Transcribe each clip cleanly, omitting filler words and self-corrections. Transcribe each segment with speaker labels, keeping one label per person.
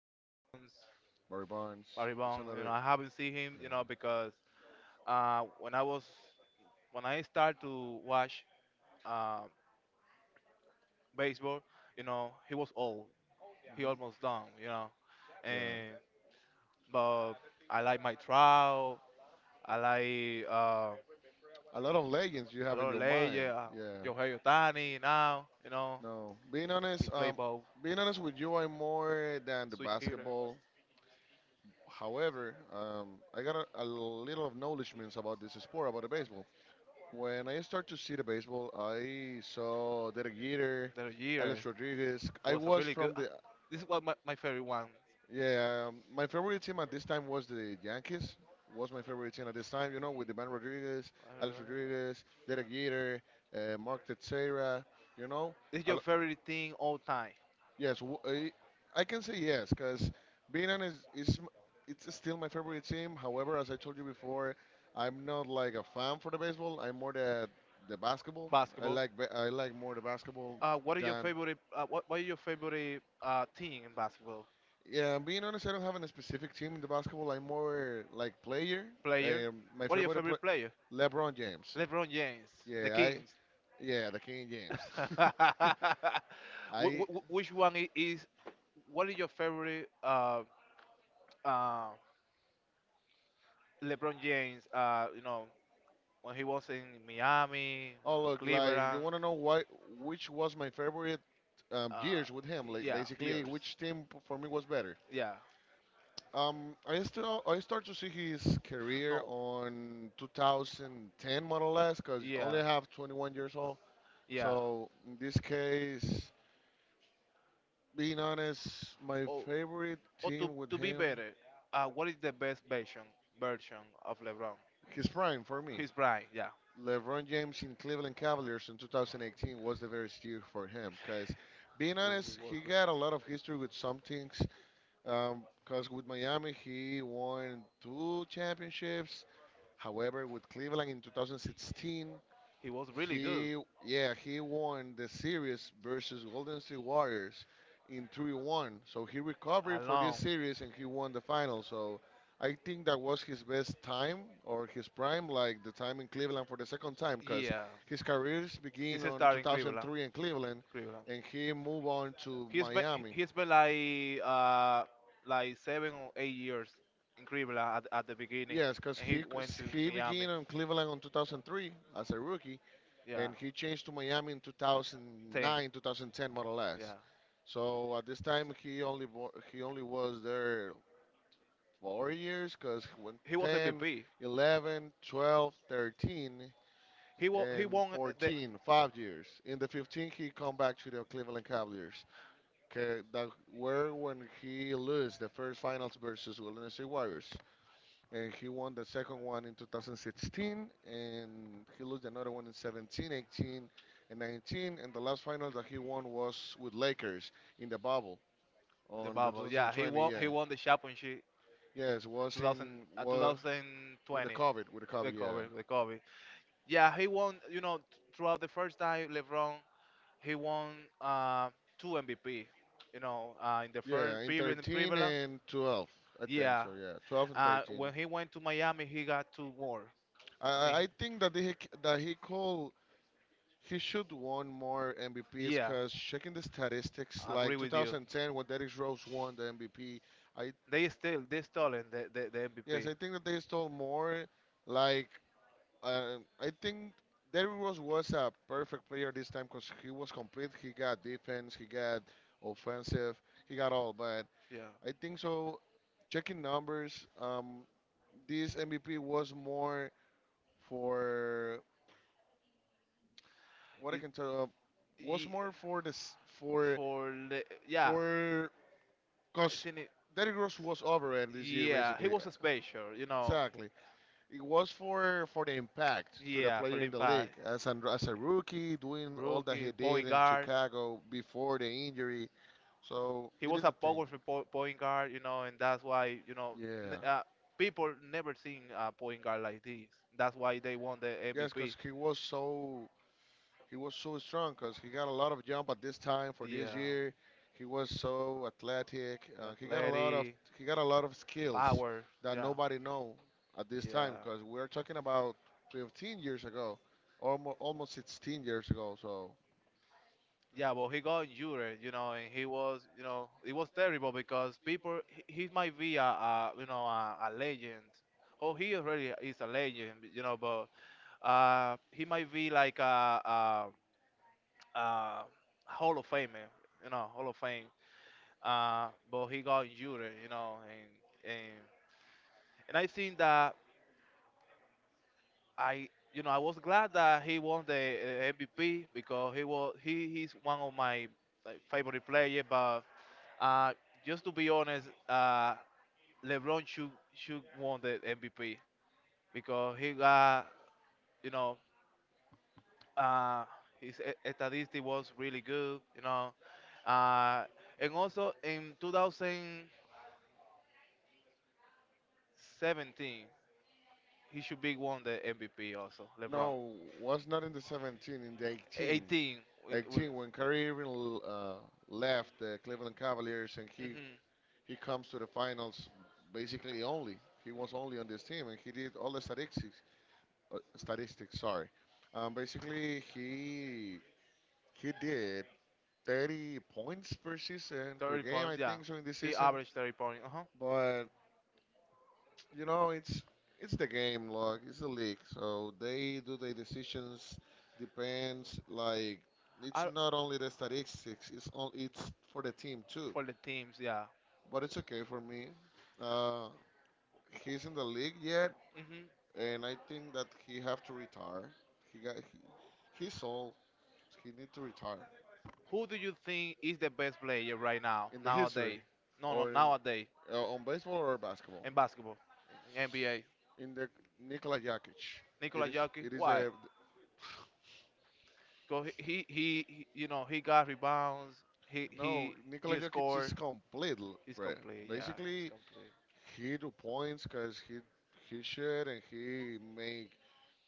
Speaker 1: Barry Bonds.
Speaker 2: Barry Bonds. It's
Speaker 1: Barrybone. You know,
Speaker 2: another.
Speaker 1: I haven't seen him. You know, because uh, when I was when I started to watch um, baseball, you know, he was old.
Speaker 2: Yeah,
Speaker 1: He almost done. You know, and
Speaker 2: yeah.
Speaker 1: but I like Mike Trout. I like
Speaker 2: A lot of legends you
Speaker 1: a
Speaker 2: have in
Speaker 1: lot of
Speaker 2: your mind.
Speaker 1: legend.
Speaker 2: Yeah.
Speaker 1: Yohei Ohtani now. You know,
Speaker 2: No, being
Speaker 1: he
Speaker 2: honest,
Speaker 1: played
Speaker 2: um,
Speaker 1: both
Speaker 2: being honest with you, I'm more than the
Speaker 1: switch hitter.
Speaker 2: basketball. However, I got a little of knowledgements about this sport, about the baseball. When I start to see the baseball, I saw Derek Jeter,
Speaker 1: The year
Speaker 2: Alex Rodriguez. I
Speaker 1: was a
Speaker 2: was
Speaker 1: really good.
Speaker 2: from the,
Speaker 1: This is what my favorite one.
Speaker 2: yeah. My favorite team at this time was the Yankees. Was my favorite team at this time, with the man Rodriguez, Alex
Speaker 1: Uh,
Speaker 2: Rodriguez, Derek Jeter, Mark Teixeira, you know,
Speaker 1: This is
Speaker 2: a.
Speaker 1: your favorite thing all time.
Speaker 2: Yes, I can say yes because Beanan it's still my favorite team. However, as I told you before, I'm not like a fan for the baseball. I'm more the basketball.
Speaker 1: Basketball.
Speaker 2: I like more the basketball
Speaker 1: What are your
Speaker 2: than,
Speaker 1: favorite? What are your favorite team in basketball?
Speaker 2: yeah. And being honest, I don't have a specific team in the basketball. I'm more like player.
Speaker 1: Player?
Speaker 2: My
Speaker 1: What are your
Speaker 2: favorite player,
Speaker 1: favorite player?
Speaker 2: LeBron James.
Speaker 1: LeBron James, the
Speaker 2: Yeah, I
Speaker 1: Kings.
Speaker 2: yeah, the King James.
Speaker 1: Wh-
Speaker 2: I.
Speaker 1: Which one is? What are your favorite? Uh, LeBron James. You know when he was in Miami,
Speaker 2: Oh, look, like you
Speaker 1: Cleveland.
Speaker 2: want to know why, which was my favorite
Speaker 1: Uh,
Speaker 2: years with him? Like
Speaker 1: yeah,
Speaker 2: basically,
Speaker 1: years.
Speaker 2: which for me was better?
Speaker 1: Yeah.
Speaker 2: I start to see his career
Speaker 1: No.
Speaker 2: on 2010 more or less, cause
Speaker 1: Yeah.
Speaker 2: only I have 21 years old.
Speaker 1: Yeah.
Speaker 2: So in this case, being honest, my
Speaker 1: Oh,
Speaker 2: favorite
Speaker 1: or
Speaker 2: team with
Speaker 1: to be
Speaker 2: him,
Speaker 1: better, what is the best version of LeBron?
Speaker 2: his prime for me.
Speaker 1: His prime, yeah.
Speaker 2: LeBron James in Cleveland Cavaliers in 2018 was the very year for him, cause being
Speaker 1: Ooh,
Speaker 2: honest, he got a lot of history with some things. Because with Miami, he won two championships. However, with Cleveland in 2016,
Speaker 1: he was really good.
Speaker 2: he, yeah, he won the series versus Golden State Warriors in 3-1. So he recovered for this
Speaker 1: Along,
Speaker 2: series and he won the final. So I think that was his best time or his prime, like the time in Cleveland for the second time, because
Speaker 1: yeah.
Speaker 2: his careers begin
Speaker 1: He's a
Speaker 2: on
Speaker 1: star in Cleveland.
Speaker 2: 2003 in Cleveland,
Speaker 1: Cleveland.
Speaker 2: and he moved on to
Speaker 1: He's been
Speaker 2: Miami.
Speaker 1: he's been like 7 or 8 years in Cleveland at the beginning,
Speaker 2: Yes, because
Speaker 1: and he
Speaker 2: he
Speaker 1: went
Speaker 2: c-
Speaker 1: to
Speaker 2: he
Speaker 1: Miami.
Speaker 2: began on Cleveland on 2003 as a rookie,
Speaker 1: Yeah,
Speaker 2: and he changed to Miami in
Speaker 1: ten.
Speaker 2: 2009, 2010, more or less.
Speaker 1: Yeah,
Speaker 2: So at this time, he only was there 4 years, because when
Speaker 1: he was
Speaker 2: 10,
Speaker 1: MVP.
Speaker 2: 11, 12, 13,
Speaker 1: He
Speaker 2: and
Speaker 1: won the
Speaker 2: 14, 5 years. In the 15, he come back to the Cleveland Cavaliers, 'kay, that were when he lose the first finals versus Golden State Warriors, and he won the second one in 2016, and he lost another one in 17, 18, and 19, and the last final that he won was with lakers in the bubble
Speaker 1: the
Speaker 2: on the
Speaker 1: bubble. Yeah,
Speaker 2: 2020, yeah.
Speaker 1: he won the championship
Speaker 2: Yes, was
Speaker 1: 2000,
Speaker 2: in wa with the
Speaker 1: 2020
Speaker 2: covid with the covid
Speaker 1: with
Speaker 2: yeah,
Speaker 1: Kobe, with Kobe. Yeah, he won. You know, throughout the first time, LeBron, he won uh, two MVP. You know, in the first
Speaker 2: yeah. In
Speaker 1: period in
Speaker 2: 13
Speaker 1: Cleveland.
Speaker 2: and 12 I think.
Speaker 1: Yeah,
Speaker 2: So yeah, 12 and 13
Speaker 1: when he went to Miami, he got two more.
Speaker 2: i
Speaker 1: I mean,
Speaker 2: i I think that that he could He should won more MVPs
Speaker 1: yeah,
Speaker 2: because checking the statistics,
Speaker 1: I agree
Speaker 2: like
Speaker 1: with you.
Speaker 2: 2010 when Derrick Rose won the MVP, I
Speaker 1: They stolen the
Speaker 2: yes,
Speaker 1: MVP.
Speaker 2: I think that they stole more. Like I think Derrick Rose was a perfect player this time because he was complete. He got defense, he got offensive, he got all. But
Speaker 1: Yeah,
Speaker 2: I think so. Checking numbers, this MVP was more for what I
Speaker 1: it,
Speaker 2: can tell, was
Speaker 1: ye-
Speaker 2: more for this.
Speaker 1: for yeah,
Speaker 2: For Cause
Speaker 1: isn't it?
Speaker 2: Derrick Rose was overrated this year,
Speaker 1: Yeah, he
Speaker 2: basically.
Speaker 1: was special.
Speaker 2: Exactly. It was for the impact to the
Speaker 1: Yeah, for
Speaker 2: player in the
Speaker 1: Limpa,
Speaker 2: league as a rookie, doing all that
Speaker 1: rookie,
Speaker 2: he did
Speaker 1: point
Speaker 2: in
Speaker 1: guard.
Speaker 2: Chicago before the injury. So
Speaker 1: He
Speaker 2: it
Speaker 1: was
Speaker 2: is
Speaker 1: a
Speaker 2: a thing.
Speaker 1: powerful point guard, you know, and that's why, n-
Speaker 2: Yeah.
Speaker 1: uh, people never seen a point guard like this. That's why they won the
Speaker 2: Yes,
Speaker 1: MVP.
Speaker 2: cause he was so strong because he got a lot of jump at this time for this
Speaker 1: Yeah,
Speaker 2: year. He was so athletic.
Speaker 1: athletic,
Speaker 2: He got a lot of skills
Speaker 1: power.
Speaker 2: that
Speaker 1: Yeah,
Speaker 2: nobody know at this time
Speaker 1: yeah.
Speaker 2: because we're talking about 15 years ago, almost 16 years ago. So
Speaker 1: Yeah, well, he got injured, you know, and he was, you know, it was terrible because people, he might be a a legend. Oh, he already is a legend, you know, but he might be like a Hall of Famer, Hall of Fame. But he got injured, you know, and I think that I, I was glad that he won the MVP because he was he he's one of my like, favorite players, but Uh, just to be honest, LeBron should won the MVP because he got you know uh, statistic was really good, uh, and also in 2017 he should be won the MVP also LeBron.
Speaker 2: no, was not in the 17, in the
Speaker 1: 18 will,
Speaker 2: 18 when Kyrie Irving left the Cleveland Cavaliers, and he
Speaker 1: mhm,
Speaker 2: he comes to the finals basically only. He was only on this team and he did all the statistics. Sorry. Basically, he did 30 points per season per
Speaker 1: 30
Speaker 2: game,
Speaker 1: points,
Speaker 2: I
Speaker 1: yeah,
Speaker 2: think, so in this
Speaker 1: he
Speaker 2: season.
Speaker 1: averaged 30 points. Uh
Speaker 2: But you know, it's it's the game, look, it's the league. So they do their decisions depends like it's
Speaker 1: huh.
Speaker 2: not only the statistics, it's all, it's for the team too.
Speaker 1: For the teams, yeah.
Speaker 2: But it's okay for me. Uh, he's in the league yet,
Speaker 1: Mm-hmm.
Speaker 2: and I think that he have to retire. He's old. He need to retire.
Speaker 1: Who do you think is the best player right now,
Speaker 2: In the history,
Speaker 1: nowadays? No, no,
Speaker 2: or in
Speaker 1: nowadays
Speaker 2: on baseball or basketball.
Speaker 1: in basketball, in NBA.
Speaker 2: In the, Nikola Jokic, it
Speaker 1: Nikola
Speaker 2: is
Speaker 1: Jokic.
Speaker 2: it is
Speaker 1: Why?
Speaker 2: a.
Speaker 1: Because he, you know, he got rebounds. He,
Speaker 2: No.
Speaker 1: he,
Speaker 2: Nikola
Speaker 1: he
Speaker 2: Jokic is
Speaker 1: scored.
Speaker 2: complete,
Speaker 1: He's
Speaker 2: bro.
Speaker 1: complete. Yeah, he's
Speaker 2: Basically,
Speaker 1: complete.
Speaker 2: he do points because he shoot and he make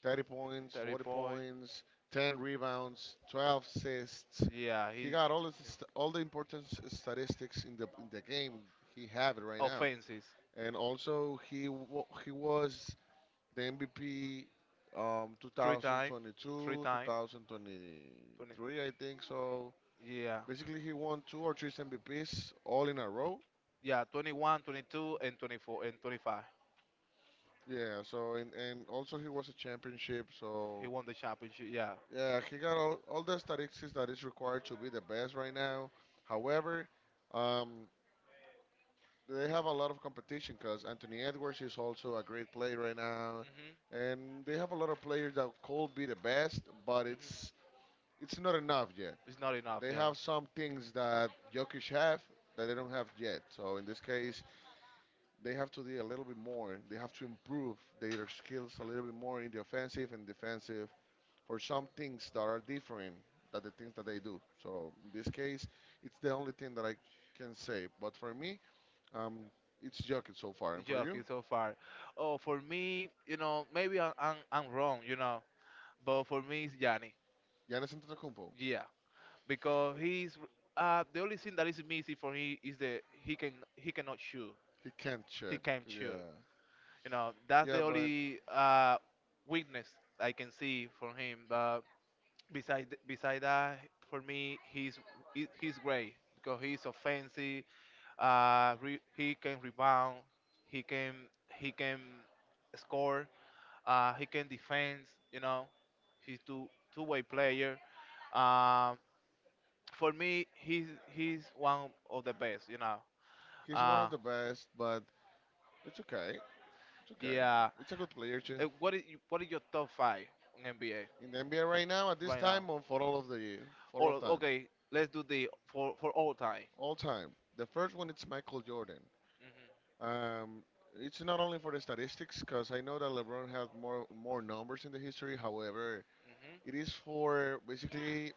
Speaker 2: 30 points,
Speaker 1: Thirty
Speaker 2: 40
Speaker 1: point.
Speaker 2: points, 10 rebounds, 12 assists.
Speaker 1: Yeah,
Speaker 2: He
Speaker 1: he's
Speaker 2: got all the important
Speaker 1: yeah.
Speaker 2: statistics in the game. He have it right now,
Speaker 1: Offenses.
Speaker 2: and also he was the MVP,
Speaker 1: Three times, three
Speaker 2: 2022,
Speaker 1: times. 20,
Speaker 2: 2023, I think. So
Speaker 1: yeah,
Speaker 2: basically he won two or three MVPs all in a row.
Speaker 1: yeah. 21, 22, and 24, and 25.
Speaker 2: Yeah, so and also he was a championship,
Speaker 1: He
Speaker 2: so
Speaker 1: won the championship. Yeah.
Speaker 2: yeah, he got all the statistics that is required to be the best right now. However, um, they have a lot of competition because Anthony Edwards is also a great player right now,
Speaker 1: Mhm.
Speaker 2: and they have a lot of players that could be the best, but
Speaker 1: Mhm.
Speaker 2: it's not enough yet.
Speaker 1: It's not enough,
Speaker 2: They
Speaker 1: yeah.
Speaker 2: have some things that Jokic have that they don't have yet. So in this case, they have to do a little bit more. They have to improve their skills a little bit more in the offensive and defensive for some things that are different than the things that they do. So in this case, it's the only thing that I can say. But for me, um, it's Jokic so far. And for you,
Speaker 1: Jokic so far. Oh, for me, you know, maybe I'm wrong, you know, but for me it's Yanni.
Speaker 2: Giannis Antetokounmpo,
Speaker 1: Yeah, because he's the only thing that is missing for him is that he cannot shoot.
Speaker 2: he can't
Speaker 1: He
Speaker 2: shoot.
Speaker 1: can't shoot.
Speaker 2: Yeah,
Speaker 1: You know, that's the
Speaker 2: yeah, but
Speaker 1: only weakness I can see from him. But beside that, for me, he's great because he's offensive. He can rebound. He can he can score. He can defend. You know, he's two-way player. Um, for me, he's one of the best. You know.
Speaker 2: he's one
Speaker 1: Uh,
Speaker 2: of the best. But it's okay. It's okay.
Speaker 1: yeah.
Speaker 2: It's a good player too.
Speaker 1: What is what is your top five in NBA
Speaker 2: In the NBA right now at this
Speaker 1: right now?
Speaker 2: time, or for all
Speaker 1: Or
Speaker 2: of time,
Speaker 1: okay, let's do the for all time.
Speaker 2: all time. The first one it's Michael Jordan. Um, it's not only for the statistics because I know that LeBron has more numbers in the history. However, it
Speaker 1: Hmm.
Speaker 2: is for basically,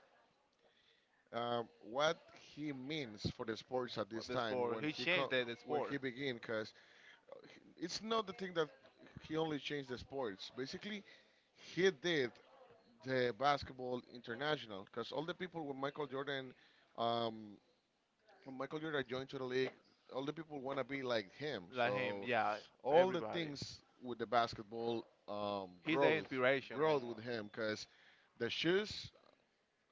Speaker 2: what he means for the sports at
Speaker 1: What
Speaker 2: this
Speaker 1: the
Speaker 2: time
Speaker 1: sport?
Speaker 2: when
Speaker 1: He
Speaker 2: he
Speaker 1: changed
Speaker 2: co-
Speaker 1: the
Speaker 2: when
Speaker 1: sport.
Speaker 2: he began. Because it's not the thing that he only changed the sports. Basically, he did the basketball international because all the people um, when Michael Jordan joined to the league, all the people want to be like him.
Speaker 1: Like him,
Speaker 2: So
Speaker 1: yeah.
Speaker 2: all the
Speaker 1: Everybody.
Speaker 2: things with the basketball,
Speaker 1: He's the
Speaker 2: growth,
Speaker 1: inspiration on
Speaker 2: growth with him because the shoes,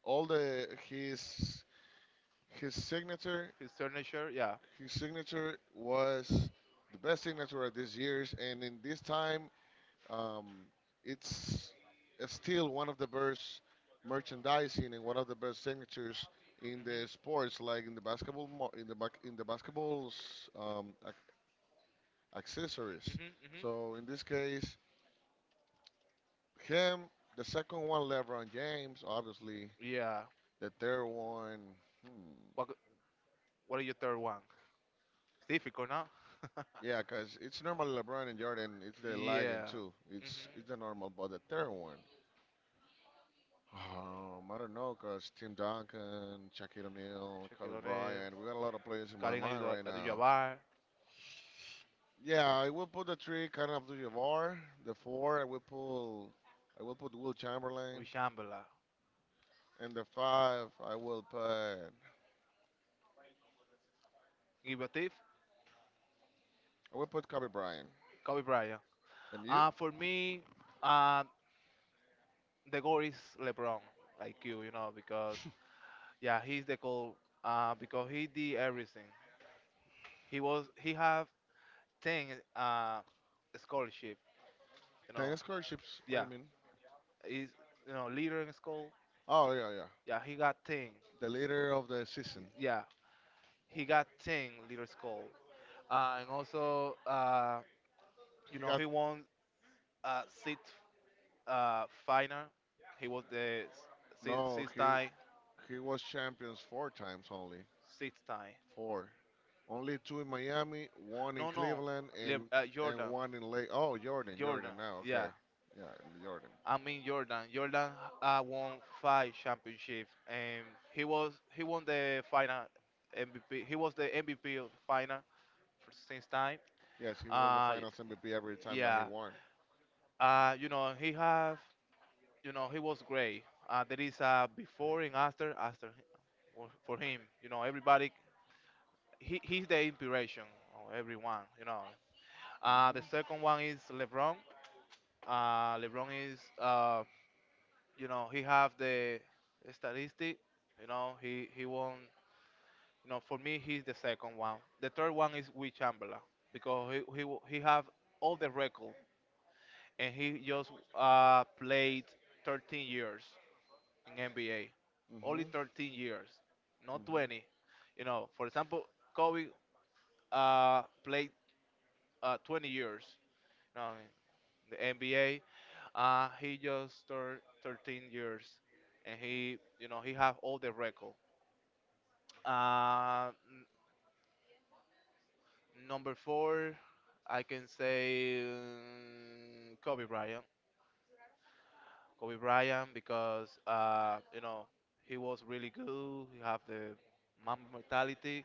Speaker 2: all the his signature,
Speaker 1: his signature. Yeah.
Speaker 2: his signature was the best signature of this year's, and in this time. Um, it's still one of the best merchandising and one of the best signatures in the
Speaker 1: Mhm.
Speaker 2: sports, like in the basketball, in the basketball's accessories.
Speaker 1: Mhm. Mhm.
Speaker 2: So in this case, him, the second one, LeBron James, obviously.
Speaker 1: Yeah.
Speaker 2: The third one, hmm,
Speaker 1: What What is your third one? It's difficult, no?
Speaker 2: yeah, because it's normally LeBron and Jordan. It's the Ligon
Speaker 1: Yeah.
Speaker 2: too.
Speaker 1: Mhm.
Speaker 2: It's the normal, but the third one. I don't know, cause Tim Duncan, Shaquille O'Neal,
Speaker 1: Check it
Speaker 2: Kobe
Speaker 1: on him.
Speaker 2: Bryant. We got a lot of players in my
Speaker 1: Karim
Speaker 2: mind right now.
Speaker 1: Abdul-Jabbar.
Speaker 2: Yeah, I will put the three kind of to Jabbar. The four, I will pull. I will put Will Chamberlain,
Speaker 1: Wishambala.
Speaker 2: and the five, I
Speaker 1: Give a Thief.
Speaker 2: will put Kobe Bryant.
Speaker 1: Kobe Bryant.
Speaker 2: And you?
Speaker 1: For me, uh, the goal is LeBron, like you know, because yeah, he's the goal because he did everything. He have 10 uh, scholarship. You know,
Speaker 2: 10 scholarships? What do
Speaker 1: yeah,
Speaker 2: you mean?
Speaker 1: he's leader in school.
Speaker 2: Oh yeah, yeah.
Speaker 1: Yeah, he got 10.
Speaker 2: The leader of the season.
Speaker 1: Yeah, he got 10 leader school. And also, you
Speaker 2: He
Speaker 1: know,
Speaker 2: got
Speaker 1: he won six final. He was the six,
Speaker 2: No.
Speaker 1: six
Speaker 2: He
Speaker 1: time,
Speaker 2: he was champions four times only.
Speaker 1: six time.
Speaker 2: Four. Only two in Miami, one in
Speaker 1: No, no,
Speaker 2: Cleveland, and
Speaker 1: Jordan,
Speaker 2: one in late. Oh, Jordan,
Speaker 1: Jordan.
Speaker 2: Jordan. Now,
Speaker 1: Yeah,
Speaker 2: okay, yeah, Jordan.
Speaker 1: I mean Jordan. Jordan won five championships, and he won the final MVP. He was the MVP of the final for since time.
Speaker 2: Yes, he was the
Speaker 1: Uh,
Speaker 2: Finals MVP every time that he
Speaker 1: yeah.
Speaker 2: won.
Speaker 1: You know he have he was great. There is a before and after for him. You know everybody. He's the inspiration of everyone. You know. The
Speaker 2: Mhm,
Speaker 1: second one is LeBron. LeBron is you know he have the statistic. He won. For me he's the second one. The third one is Will Chamberlain because he have all the record, and he just played 13 years in NBA, only
Speaker 2: mhm,
Speaker 1: 13 years, not
Speaker 2: mhm,
Speaker 1: 20. You know, for example Kobe played 20 years, you know, in the NBA. He just turned 13 years, and he you know he have all the record. Uh, Number four, I can say Kobe Bryant. Kobe Bryant because you know he was really good. He have the Mamba mentality.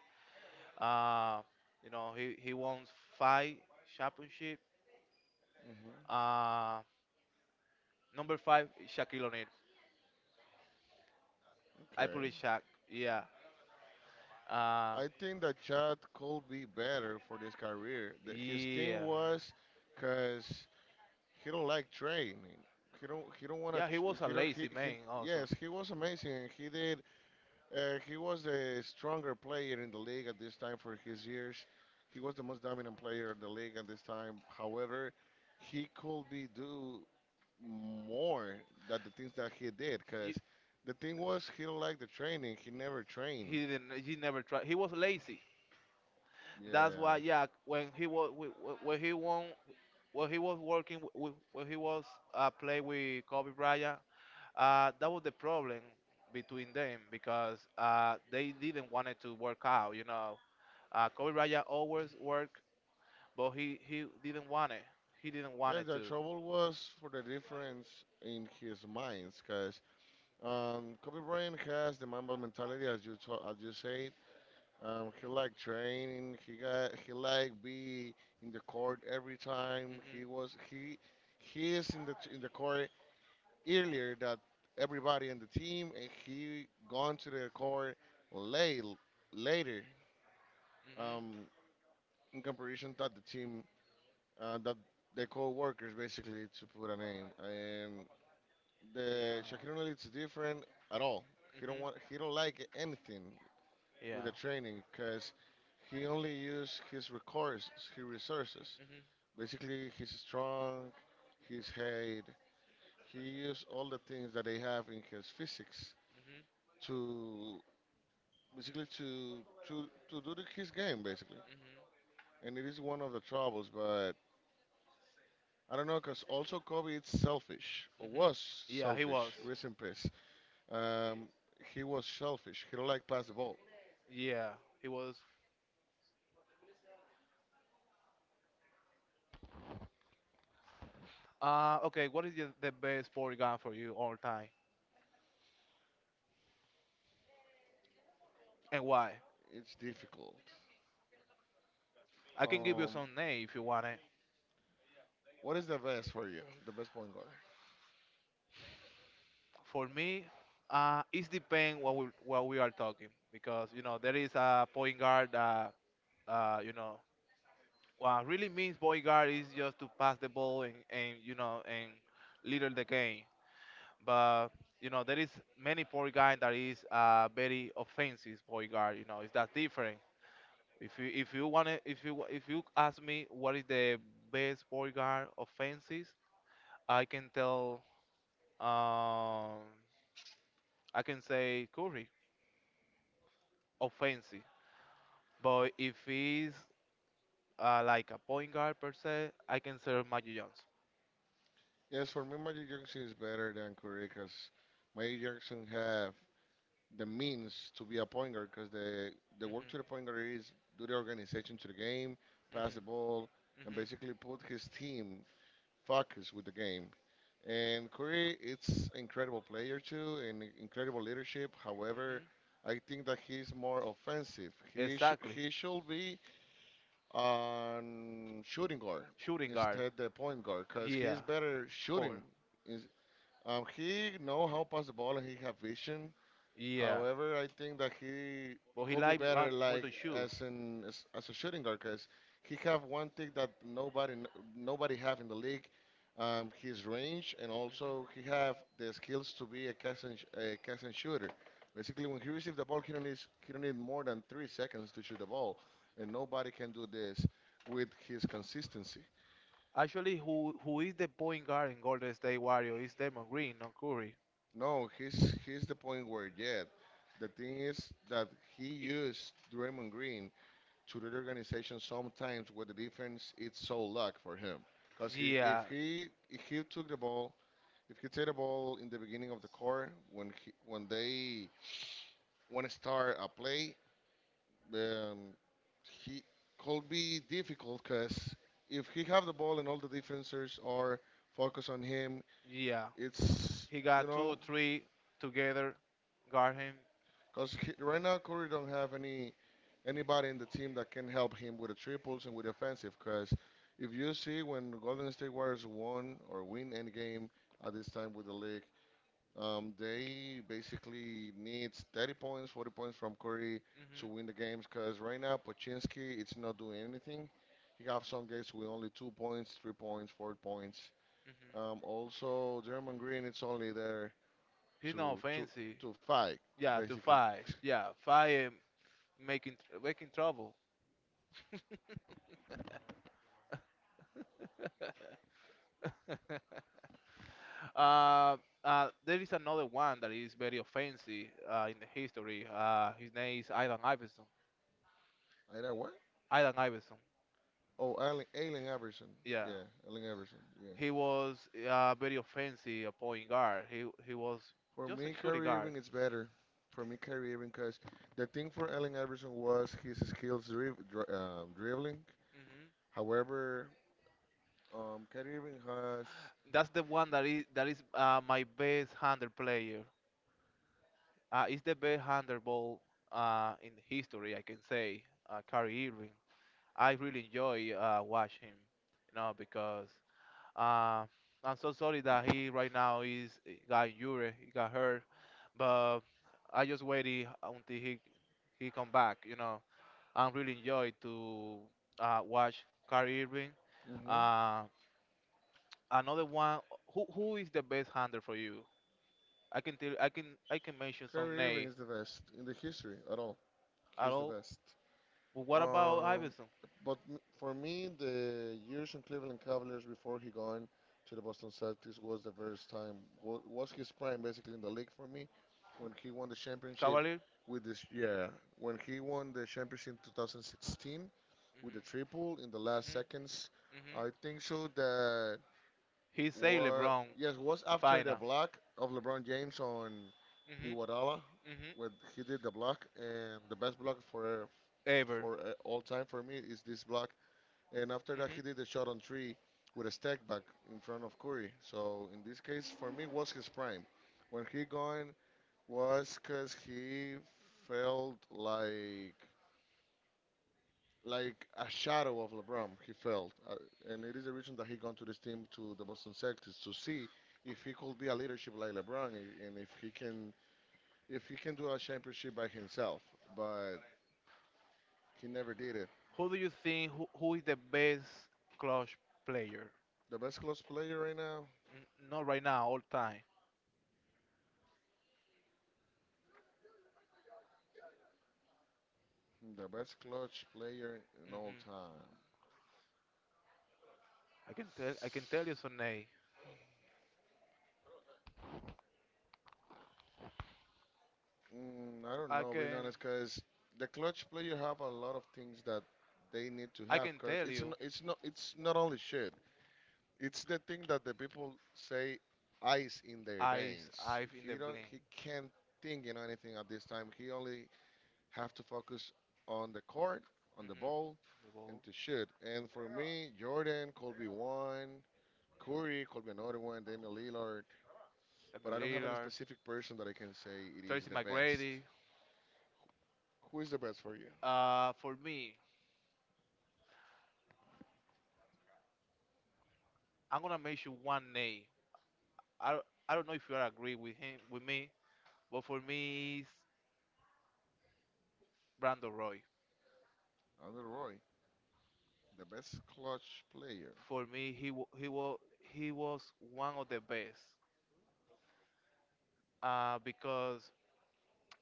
Speaker 1: Uh, you know he won five championship.
Speaker 2: mhm.
Speaker 1: Uh, Number five, Shaquille O'Neal. I put
Speaker 2: Okay.
Speaker 1: it Shaq. Yeah. Uh,
Speaker 2: I think that Chad could be better for this career. His thing
Speaker 1: yeah.
Speaker 2: was, cause he don't like training. He don't. He don't want to.
Speaker 1: Yeah, he was a
Speaker 2: He don't. He,
Speaker 1: lazy
Speaker 2: he.
Speaker 1: man also.
Speaker 2: Yes, he was amazing. He did. He was the stronger player in the league at this time for his years. He was the most dominant player in the league at this time. However, he could be do more than the things that he did
Speaker 1: You,
Speaker 2: because the thing was he don't like the training. He never trained.
Speaker 1: he didn't. He never tried. He was lazy. That's
Speaker 2: Yeah.
Speaker 1: why, yeah, when he won when he was play with Kobe Bryant, that was the problem between them because they didn't want it to work out. You know, Kobe Bryant always worked, but he didn't want it. He didn't want
Speaker 2: Yeah,
Speaker 1: it
Speaker 2: the
Speaker 1: to.
Speaker 2: trouble was for the difference in his minds because Kobe Bryant has the Mamba mentality, as you say. He liked training. He liked be in the court every time. He
Speaker 1: Hmm.
Speaker 2: was he is in the court earlier that everybody in the team, and he gone to the court late later.
Speaker 1: Hmm.
Speaker 2: Um, in comparison that the team that the co-workers basically to put a name and
Speaker 1: Hmm.
Speaker 2: the
Speaker 1: Yeah.
Speaker 2: Shaquille O'Neal is different at all. He
Speaker 1: Hmm.
Speaker 2: don't like anything with
Speaker 1: Yeah.
Speaker 2: the training because he only used his resources.
Speaker 1: Hmm.
Speaker 2: Basically, he's strong, he's head. He used all the things that they have in his physics
Speaker 1: Hmm.
Speaker 2: to basically to to do his game basically. And it is one of the troubles, but I don't know, cause also Kobe is selfish
Speaker 1: Hmm.
Speaker 2: or
Speaker 1: Hmm.
Speaker 2: was
Speaker 1: Yeah, he was.
Speaker 2: selfish. Rest in peace. Um, he was selfish. He don't like pass the ball.
Speaker 1: Yeah, he was. Okay, what is the best sport gun for you all time, and why?
Speaker 2: It's difficult.
Speaker 1: I can give you
Speaker 2: Um,
Speaker 1: some name if you want it.
Speaker 2: what is the best for you? The best point guard?
Speaker 1: For me, it depends what we are talking because you know there is a point guard that you know what really means point guard is just to pass the ball and you know and leader the game. But you know there is many point guard that is very offensive point guard. You know it's that different. If you want to if you If you ask me what is the best point guard offenses, I can tell um I can say Curry offensive. But if he's like a point guard per se, I can say Magic Johnson.
Speaker 2: Yes, for me, Magic Johnson is better than Curry because Magic Johnson have the means to be a point guard because the work to the point
Speaker 1: Hmm.
Speaker 2: guard is do the organization to the game, pass the
Speaker 1: Hmm.
Speaker 2: ball, and
Speaker 1: Hmm.
Speaker 2: basically put his team focus with the game. And Curry, it's incredible player too and incredible leadership.
Speaker 1: Hmm.
Speaker 2: However, I think that he's more offensive. He sh-
Speaker 1: Exactly.
Speaker 2: he should be on shooting guard
Speaker 1: Shooting guard.
Speaker 2: instead the point guard because
Speaker 1: Yeah,
Speaker 2: he's better
Speaker 1: of course.
Speaker 2: shooting is, he know how pass the ball and he have vision.
Speaker 1: Yeah.
Speaker 2: However, I think that he
Speaker 1: But he
Speaker 2: could be
Speaker 1: like
Speaker 2: better
Speaker 1: more
Speaker 2: like
Speaker 1: to shoot.
Speaker 2: as a shooting guard because he have one thing that nobody have in the league. His range and
Speaker 1: Mhm.
Speaker 2: also he have the skills to be a catch and shooter. Basically, when he receives the ball, he don't need more than 3 seconds to shoot the ball, and nobody can do this with his consistency.
Speaker 1: Actually, who is the point guard in Golden State Warrior is Damon Green, not Curry.
Speaker 2: No, he's the point where yet the thing is that he
Speaker 1: I-
Speaker 2: used Draymond Green to the organization sometimes where the defense it's so luck for him. Because he, if
Speaker 1: Yeah,
Speaker 2: he if he took the ball, if he take the ball in the beginning of the core when when they want to start a play, um, he could be difficult because if he have the ball and all the defenders are focused on him,
Speaker 1: yeah.
Speaker 2: it's
Speaker 1: He
Speaker 2: you
Speaker 1: got two or
Speaker 2: know.
Speaker 1: three together, guard him.
Speaker 2: Because right now Curry don't have anybody in the team that can help him with the triples and with the offensive. Because if you see when the Golden State Warriors won or win any game at this time with the league, they basically needs 30 points, 40 points from Curry to
Speaker 1: Hmm.
Speaker 2: win the games. Because right now Pachinski it's not doing anything. He have some games with only 2 points, 3 points, 4 points.
Speaker 1: Hmm.
Speaker 2: Also German Green it's only there
Speaker 1: He's not
Speaker 2: to to
Speaker 1: fancy.
Speaker 2: to fight
Speaker 1: Yeah, to
Speaker 2: basically.
Speaker 1: five. Yeah, five and making trouble. Uh, there is another one that is very offensive in the history. His name is Ivan Iverson.
Speaker 2: Either I
Speaker 1: Ivan Iverson.
Speaker 2: Oh, Allen Iverson.
Speaker 1: Yeah,
Speaker 2: Yeah, Allen Iverson. Yeah.
Speaker 1: he was very offensive a point guard. He was
Speaker 2: For
Speaker 1: just a
Speaker 2: me,
Speaker 1: shooting
Speaker 2: Kyrie
Speaker 1: guard.
Speaker 2: Irving is better. For me, Kyrie Irving, because the thing for Allen Iverson was his skills dribbling.
Speaker 1: Hmm.
Speaker 2: However, Kyrie Irving has.
Speaker 1: That's the one that is my best handle player. It's the best handle ball in history, I can say. Kyrie Irving. I really enjoy watch him, you know, because Uh, I'm so sorry that he right now is got Yuri, he got hurt, but I just waited until he come back. You know, I'm really enjoyed to watch Kyrie Irving.
Speaker 2: hmm
Speaker 1: Uh, Another one, who is the best handler for you? I can tell, I can mention some
Speaker 2: Kyrie Irving
Speaker 1: name
Speaker 2: is the best in the history at all.
Speaker 1: at
Speaker 2: He's the
Speaker 1: all.
Speaker 2: best.
Speaker 1: But what about
Speaker 2: Um,
Speaker 1: Iverson,
Speaker 2: but for me, the years in Cleveland Cavaliers before he gone to the Boston Celtics was the first time was his prime basically in the league for me when he won the championship
Speaker 1: Cavalier?
Speaker 2: with this. Yeah. When he won the championship in 2016 with the triple in the last
Speaker 1: Hmm.
Speaker 2: seconds.
Speaker 1: Hmm. Hmm.
Speaker 2: I think so that
Speaker 1: He say
Speaker 2: what
Speaker 1: LeBron,
Speaker 2: yes was after the
Speaker 1: final.
Speaker 2: block of LeBron James on
Speaker 1: Hmm.
Speaker 2: Iguodala when
Speaker 1: Hmm.
Speaker 2: he did the block and the best block for
Speaker 1: Ever.
Speaker 2: for all time for me is this block. And after that,
Speaker 1: Hmm.
Speaker 2: he did the shot on three with a step back in front of Curry. So in this case, for me, was his prime. When he going was because he felt like a shadow of LeBron. He felt, and it is the reason that he gone to this team to the Boston Celtics to see if he could be a leadership like LeBron, and if he can do a championship by himself. But he never did it.
Speaker 1: Who do you think who is the best clutch player?
Speaker 2: The best close player right now.
Speaker 1: N- not right now, all time.
Speaker 2: The best clutch player in all
Speaker 1: Hmm.
Speaker 2: time.
Speaker 1: I can tell you some name.
Speaker 2: I don't
Speaker 1: I
Speaker 2: know, being
Speaker 1: can
Speaker 2: honest, because the clutch player have a lot of things that they need to
Speaker 1: I
Speaker 2: have.
Speaker 1: can
Speaker 2: Because
Speaker 1: tell
Speaker 2: it's n-
Speaker 1: you
Speaker 2: it's not it's not only shit. It's the thing that the people say ice in their
Speaker 1: Ice
Speaker 2: veins.
Speaker 1: Ive in the
Speaker 2: He don't
Speaker 1: blink.
Speaker 2: he can't think in anything at this time. He only have to focus on the court, on
Speaker 1: Hmm.
Speaker 2: the ball,
Speaker 1: The
Speaker 2: and
Speaker 1: ball.
Speaker 2: to shoot. And for me, Jordan, Kobe one, Curry, Kobe another one, Damian Lillard. But
Speaker 1: Damian
Speaker 2: I don't have any
Speaker 1: Lillard,
Speaker 2: specific person that I can say it is
Speaker 1: Tracy
Speaker 2: the best.
Speaker 1: McGrady.
Speaker 2: Who is the best for you?
Speaker 1: For me, I'm gonna mention one name. I, I don't know if you are agree with him with me, but for me, it's Brandon Roy.
Speaker 2: Under Roy, the best clutch player.
Speaker 1: For me he was one of the best, because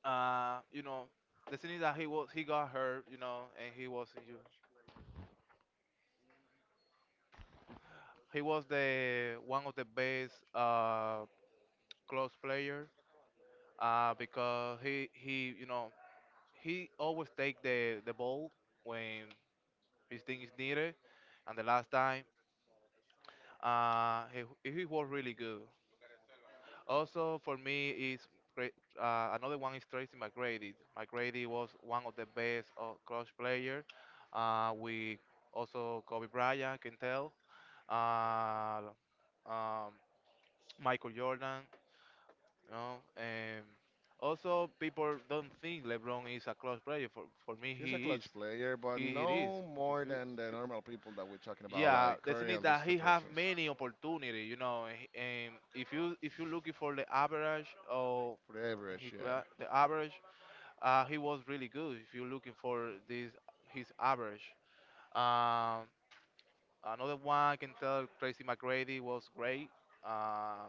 Speaker 1: you know, the thing is that he got hurt, you know, and he was in you, he was the one of the best, close player, because he you know, he always take the ball when his thing is needed, and the last time, he was really good. Also, for me, is Cra- another one is Tracy McGrady. McGrady was one of the best, cross player. We also Kobe Bryant, can tell. Uh, um, Michael Jordan, you know, and also people don't think LeBron is a cross player. For me,
Speaker 2: He's a
Speaker 1: he is.
Speaker 2: clutch player, but
Speaker 1: He it is.
Speaker 2: no
Speaker 1: Because
Speaker 2: more
Speaker 1: you-
Speaker 2: than the
Speaker 1: if you-
Speaker 2: normal people that we're talking about,
Speaker 1: Yeah,
Speaker 2: like
Speaker 1: the thing
Speaker 2: Curry
Speaker 1: is
Speaker 2: and these
Speaker 1: that
Speaker 2: the
Speaker 1: he have
Speaker 2: persons.
Speaker 1: many opportunity, you know, and if you're looking for the average, or
Speaker 2: For the average, yeah.
Speaker 1: the average, he was really good if you're looking for this, his average. um, Another one I can tell, Tracy McGrady was great. uh,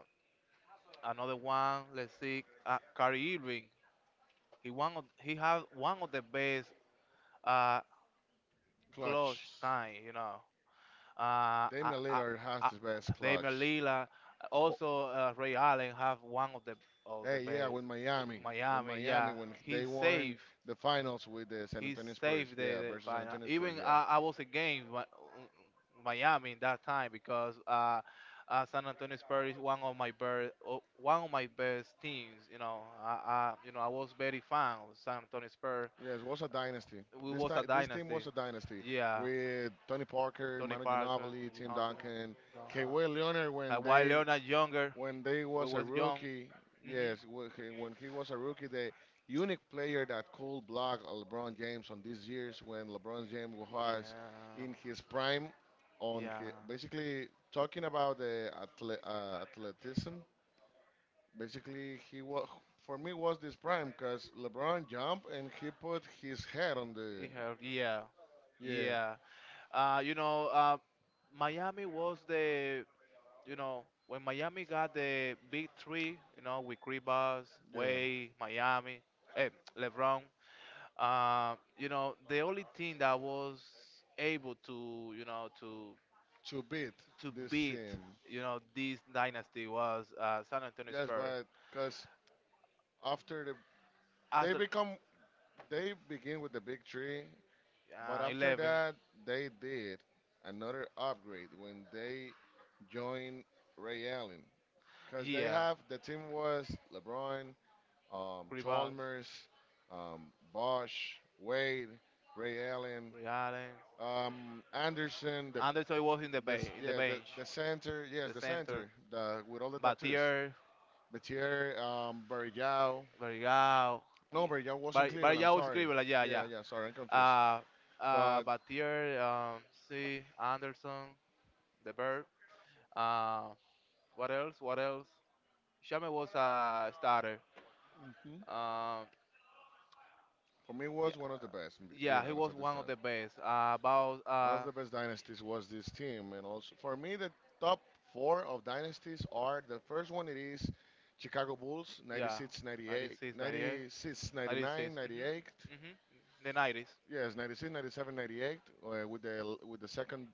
Speaker 1: Another one, let's see, Kyrie Irving, he had one of the best, uh, clutch
Speaker 2: Clutch.
Speaker 1: time, you know. uh, I,
Speaker 2: Damian
Speaker 1: I,
Speaker 2: Lillard has
Speaker 1: I,
Speaker 2: the best
Speaker 1: Damian
Speaker 2: clutch.
Speaker 1: Lillard.
Speaker 2: Oh,
Speaker 1: Also Ray Allen have one of the, of the
Speaker 2: hey, yeah,
Speaker 1: best.
Speaker 2: with Miami. With
Speaker 1: Miami,
Speaker 2: Miami,
Speaker 1: yeah.
Speaker 2: when
Speaker 1: He's
Speaker 2: they won
Speaker 1: safe,
Speaker 2: the finals with the San
Speaker 1: he
Speaker 2: Antonio Spurs.
Speaker 1: saved the,
Speaker 2: Yeah,
Speaker 1: the
Speaker 2: versus San
Speaker 1: final.
Speaker 2: Antonio Spurs,
Speaker 1: Even
Speaker 2: yeah.
Speaker 1: I was against Miami in that time, because San Antonio Spurs is one of my best, one of my best teams. You know, I you know, I was very fan of San Antonio Spurs.
Speaker 2: Yes, was a dynasty.
Speaker 1: We
Speaker 2: This
Speaker 1: was a
Speaker 2: time, this team
Speaker 1: dynasty.
Speaker 2: was a dynasty
Speaker 1: Yeah,
Speaker 2: with Tony Parker,
Speaker 1: Tony
Speaker 2: Manu
Speaker 1: Parker,
Speaker 2: Ginobili,
Speaker 1: you
Speaker 2: Tim
Speaker 1: know,
Speaker 2: Duncan, Kawhi Leonard
Speaker 1: while Leonard younger,
Speaker 2: when they
Speaker 1: we
Speaker 2: was a
Speaker 1: was young.
Speaker 2: rookie.
Speaker 1: Hmm.
Speaker 2: Yes, when he was a rookie, the unique player that could block LeBron James on these years when LeBron James was
Speaker 1: Yeah,
Speaker 2: in his prime. On
Speaker 1: yeah,
Speaker 2: his, basically talking about the athleticism. Basically, he was for me was this prime because LeBron jumped and he put his head on
Speaker 1: he
Speaker 2: the,
Speaker 1: helped. Yeah,
Speaker 2: yeah,
Speaker 1: yeah. Uh, you know, uh, Miami was the, you know, when Miami got the big three, you know, with Kribas,
Speaker 2: yeah,
Speaker 1: Wade, Miami, eh, LeBron. You know, the only team that was able to, you know, to
Speaker 2: to beat
Speaker 1: to
Speaker 2: this
Speaker 1: beat,
Speaker 2: team.
Speaker 1: you know, this dynasty was San Antonio
Speaker 2: Yes,
Speaker 1: Spurs.
Speaker 2: but because after they
Speaker 1: After
Speaker 2: become they begin with the big three, but after
Speaker 1: 11,
Speaker 2: that they did another upgrade when they joined Ray Allen because they
Speaker 1: yeah,
Speaker 2: have the team was LeBron,
Speaker 1: Kribas,
Speaker 2: Chalmers, Bosch, Wade, Ray Allen,
Speaker 1: Ray Allen,
Speaker 2: Anderson, the,
Speaker 1: Anderson was in the
Speaker 2: the
Speaker 1: bay, in the
Speaker 2: yeah, the,
Speaker 1: bench,
Speaker 2: the center, yes,
Speaker 1: the
Speaker 2: the
Speaker 1: center,
Speaker 2: center, the with all the tattoos.
Speaker 1: Batier.
Speaker 2: Batier, Barillao.
Speaker 1: Barrigao,
Speaker 2: No,
Speaker 1: y-
Speaker 2: Barillao was in Cleveland. I'm
Speaker 1: Barrigao
Speaker 2: sorry.
Speaker 1: escribe la ya,
Speaker 2: Yeah,
Speaker 1: ya.
Speaker 2: yeah, sorry, I'm confused.
Speaker 1: Uh,
Speaker 2: But,
Speaker 1: Batier, C. Anderson, the bird. Uh, what else? What else? Shame was a starter.
Speaker 2: hmm
Speaker 1: Um,
Speaker 2: for me, it
Speaker 1: yeah,
Speaker 2: was one of the best. Being
Speaker 1: yeah, he
Speaker 2: honest,
Speaker 1: was
Speaker 2: at this
Speaker 1: one of
Speaker 2: time,
Speaker 1: the best. About
Speaker 2: one of the best dynasties was this team, and also for me, the top four of dynasties are the first one. It is Chicago Bulls,
Speaker 1: yeah,
Speaker 2: 96, 98,
Speaker 1: 96, 98,
Speaker 2: 96, 99,
Speaker 1: 96.
Speaker 2: 98.
Speaker 1: Mm-hmm, mm-hmm. The 90s.
Speaker 2: Yes, 96, 97, 98, with the second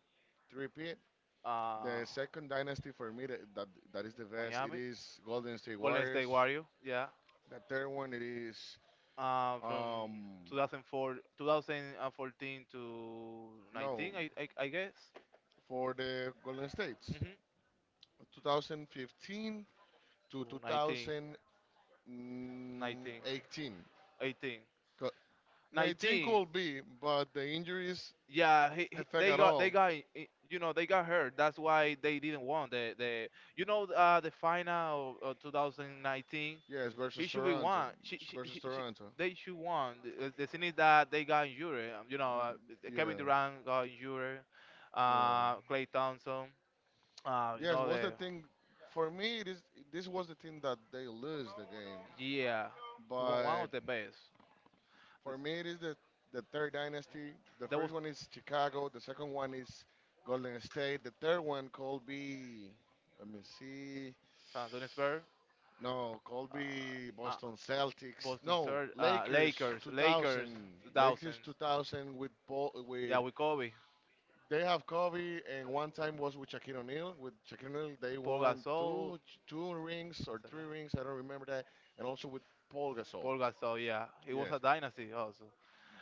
Speaker 2: repeat.
Speaker 1: Uh,
Speaker 2: The second dynasty for me that is the best. It
Speaker 1: Miami,
Speaker 2: is Golden State
Speaker 1: Golden
Speaker 2: Warriors.
Speaker 1: State Warrior. Yeah,
Speaker 2: The third one it is
Speaker 1: from
Speaker 2: um
Speaker 1: 2004, 2014 to
Speaker 2: no,
Speaker 1: 19, I guess.
Speaker 2: for the Golden States.
Speaker 1: Hmm.
Speaker 2: 2015 to
Speaker 1: To 19, 19,
Speaker 2: 2018.
Speaker 1: 18.
Speaker 2: Co- 19
Speaker 1: 19.
Speaker 2: could be, but the injuries
Speaker 1: Yeah,
Speaker 2: affect at all.
Speaker 1: they got you know, they got hurt. That's why they didn't won the you know, the final of 2019.
Speaker 2: Yes,
Speaker 1: He
Speaker 2: versus
Speaker 1: should be
Speaker 2: Toronto.
Speaker 1: won.
Speaker 2: Versus Toronto.
Speaker 1: They should won. The thing is that they got injured. Um, you know,
Speaker 2: Mm,
Speaker 1: Kevin
Speaker 2: yeah,
Speaker 1: Durant got injured.
Speaker 2: yeah.
Speaker 1: Clay Thompson. You
Speaker 2: Yes,
Speaker 1: know
Speaker 2: was
Speaker 1: the
Speaker 2: the thing for me. It is this was the thing that they lose the game.
Speaker 1: Yeah, he won one
Speaker 2: But
Speaker 1: of the best.
Speaker 2: for me, it is the third dynasty. The
Speaker 1: That was
Speaker 2: first one is Chicago. The second one is Golden State. The third one could be. Let me see.
Speaker 1: San Antonio Spurs.
Speaker 2: No, could be
Speaker 1: Uh,
Speaker 2: Boston Celtics.
Speaker 1: Boston
Speaker 2: No,
Speaker 1: Celtics,
Speaker 2: Lakers
Speaker 1: Lakers, Lakers,
Speaker 2: 2000. Lakers
Speaker 1: 2000s.
Speaker 2: 2000 with Paul
Speaker 1: Yeah,
Speaker 2: with.
Speaker 1: with Kobe,
Speaker 2: They have Kobe, and one time was with Shaquille O'Neal. With Shaquille O'Neal, they
Speaker 1: Paul
Speaker 2: won
Speaker 1: Gasol.
Speaker 2: two rings or three rings. I don't remember that. And also with Paul Gasol.
Speaker 1: Paul Gasol, yeah, it was
Speaker 2: Yes,
Speaker 1: a dynasty also.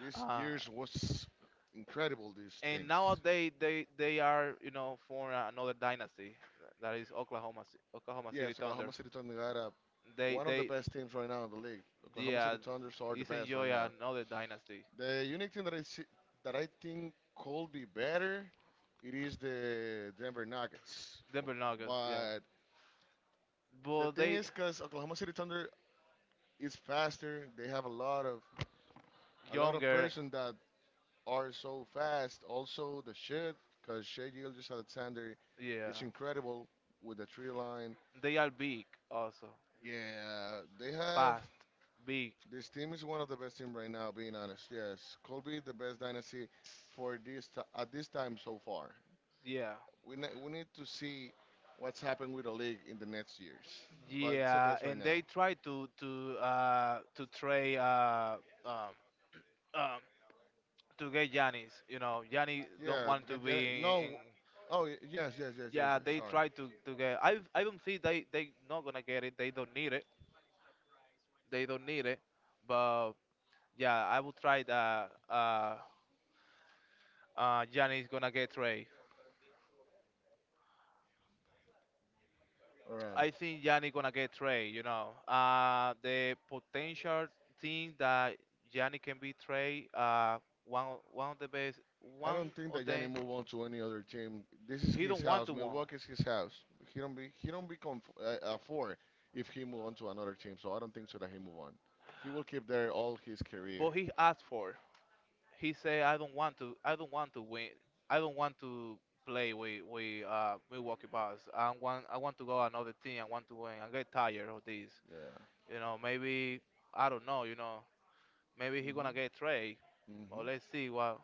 Speaker 2: this
Speaker 1: Uh,
Speaker 2: year's was incredible. These
Speaker 1: and
Speaker 2: things.
Speaker 1: nowadays they are, you know, for another dynasty, that is Oklahoma City
Speaker 2: Yes,
Speaker 1: Thunder.
Speaker 2: Oklahoma City Thunder got a, one of the
Speaker 1: They
Speaker 2: best teams right now in the league. Oklahoma
Speaker 1: Yeah,
Speaker 2: City Thunders are the
Speaker 1: it's
Speaker 2: best
Speaker 1: enjoy
Speaker 2: right now.
Speaker 1: another dynasty.
Speaker 2: The unique thing that I see, that I think could be better, it is the Denver Nuggets.
Speaker 1: Denver Nuggets, yeah,
Speaker 2: But the
Speaker 1: but
Speaker 2: thing
Speaker 1: they
Speaker 2: is, because Oklahoma City Thunder, it's faster. They have a lot of
Speaker 1: younger,
Speaker 2: person that are so fast. Also the shit, because Shea Gilgis Alexander,
Speaker 1: yeah,
Speaker 2: it's incredible with the tree line.
Speaker 1: they are big also,
Speaker 2: Yeah, they have,
Speaker 1: fast, big,
Speaker 2: this team is one of the best team right now. Being honest, yes, could be the best dynasty for this at this time so far.
Speaker 1: yeah.
Speaker 2: We need to see what's happened with the league in the next years, but it's the
Speaker 1: Yeah,
Speaker 2: best right
Speaker 1: and
Speaker 2: now.
Speaker 1: they try to to trade um, um, to get Yanis. You know, Yanis don't
Speaker 2: Yeah,
Speaker 1: want to
Speaker 2: yeah,
Speaker 1: be in. In
Speaker 2: no. Oh, yes, yes, yes, yes,
Speaker 1: yeah,
Speaker 2: yes.
Speaker 1: they
Speaker 2: Sorry.
Speaker 1: try to get. I don't think they not gonna get it. They don't need it. They don't need it. But yeah, I would try that. Giannis gonna get trade.
Speaker 2: All right.
Speaker 1: I think Yanni gonna get trade. You know, the potential thing that Yanni can be trade. One of the best.
Speaker 2: I
Speaker 1: One
Speaker 2: don't think
Speaker 1: of
Speaker 2: that Gianni
Speaker 1: them.
Speaker 2: move on to any other team. This is
Speaker 1: He
Speaker 2: his
Speaker 1: don't want
Speaker 2: house.
Speaker 1: to win,
Speaker 2: Milwaukee's his house. He don't be, for, if he move on to another team. So I don't think so that he move on. He will keep there all his
Speaker 1: but
Speaker 2: career.
Speaker 1: he asked for. He said, "I don't want to. I don't want to win. I don't want to play with Milwaukee Bucks. I want to go another team. I want to win. I get tired of this.
Speaker 2: Yeah.
Speaker 1: You know, maybe I don't know. You know, maybe he gonna
Speaker 2: Mhm.
Speaker 1: get trade. But
Speaker 2: Mhm.
Speaker 1: let's see what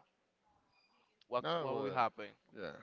Speaker 1: what
Speaker 2: No.
Speaker 1: will happen."
Speaker 2: Yeah.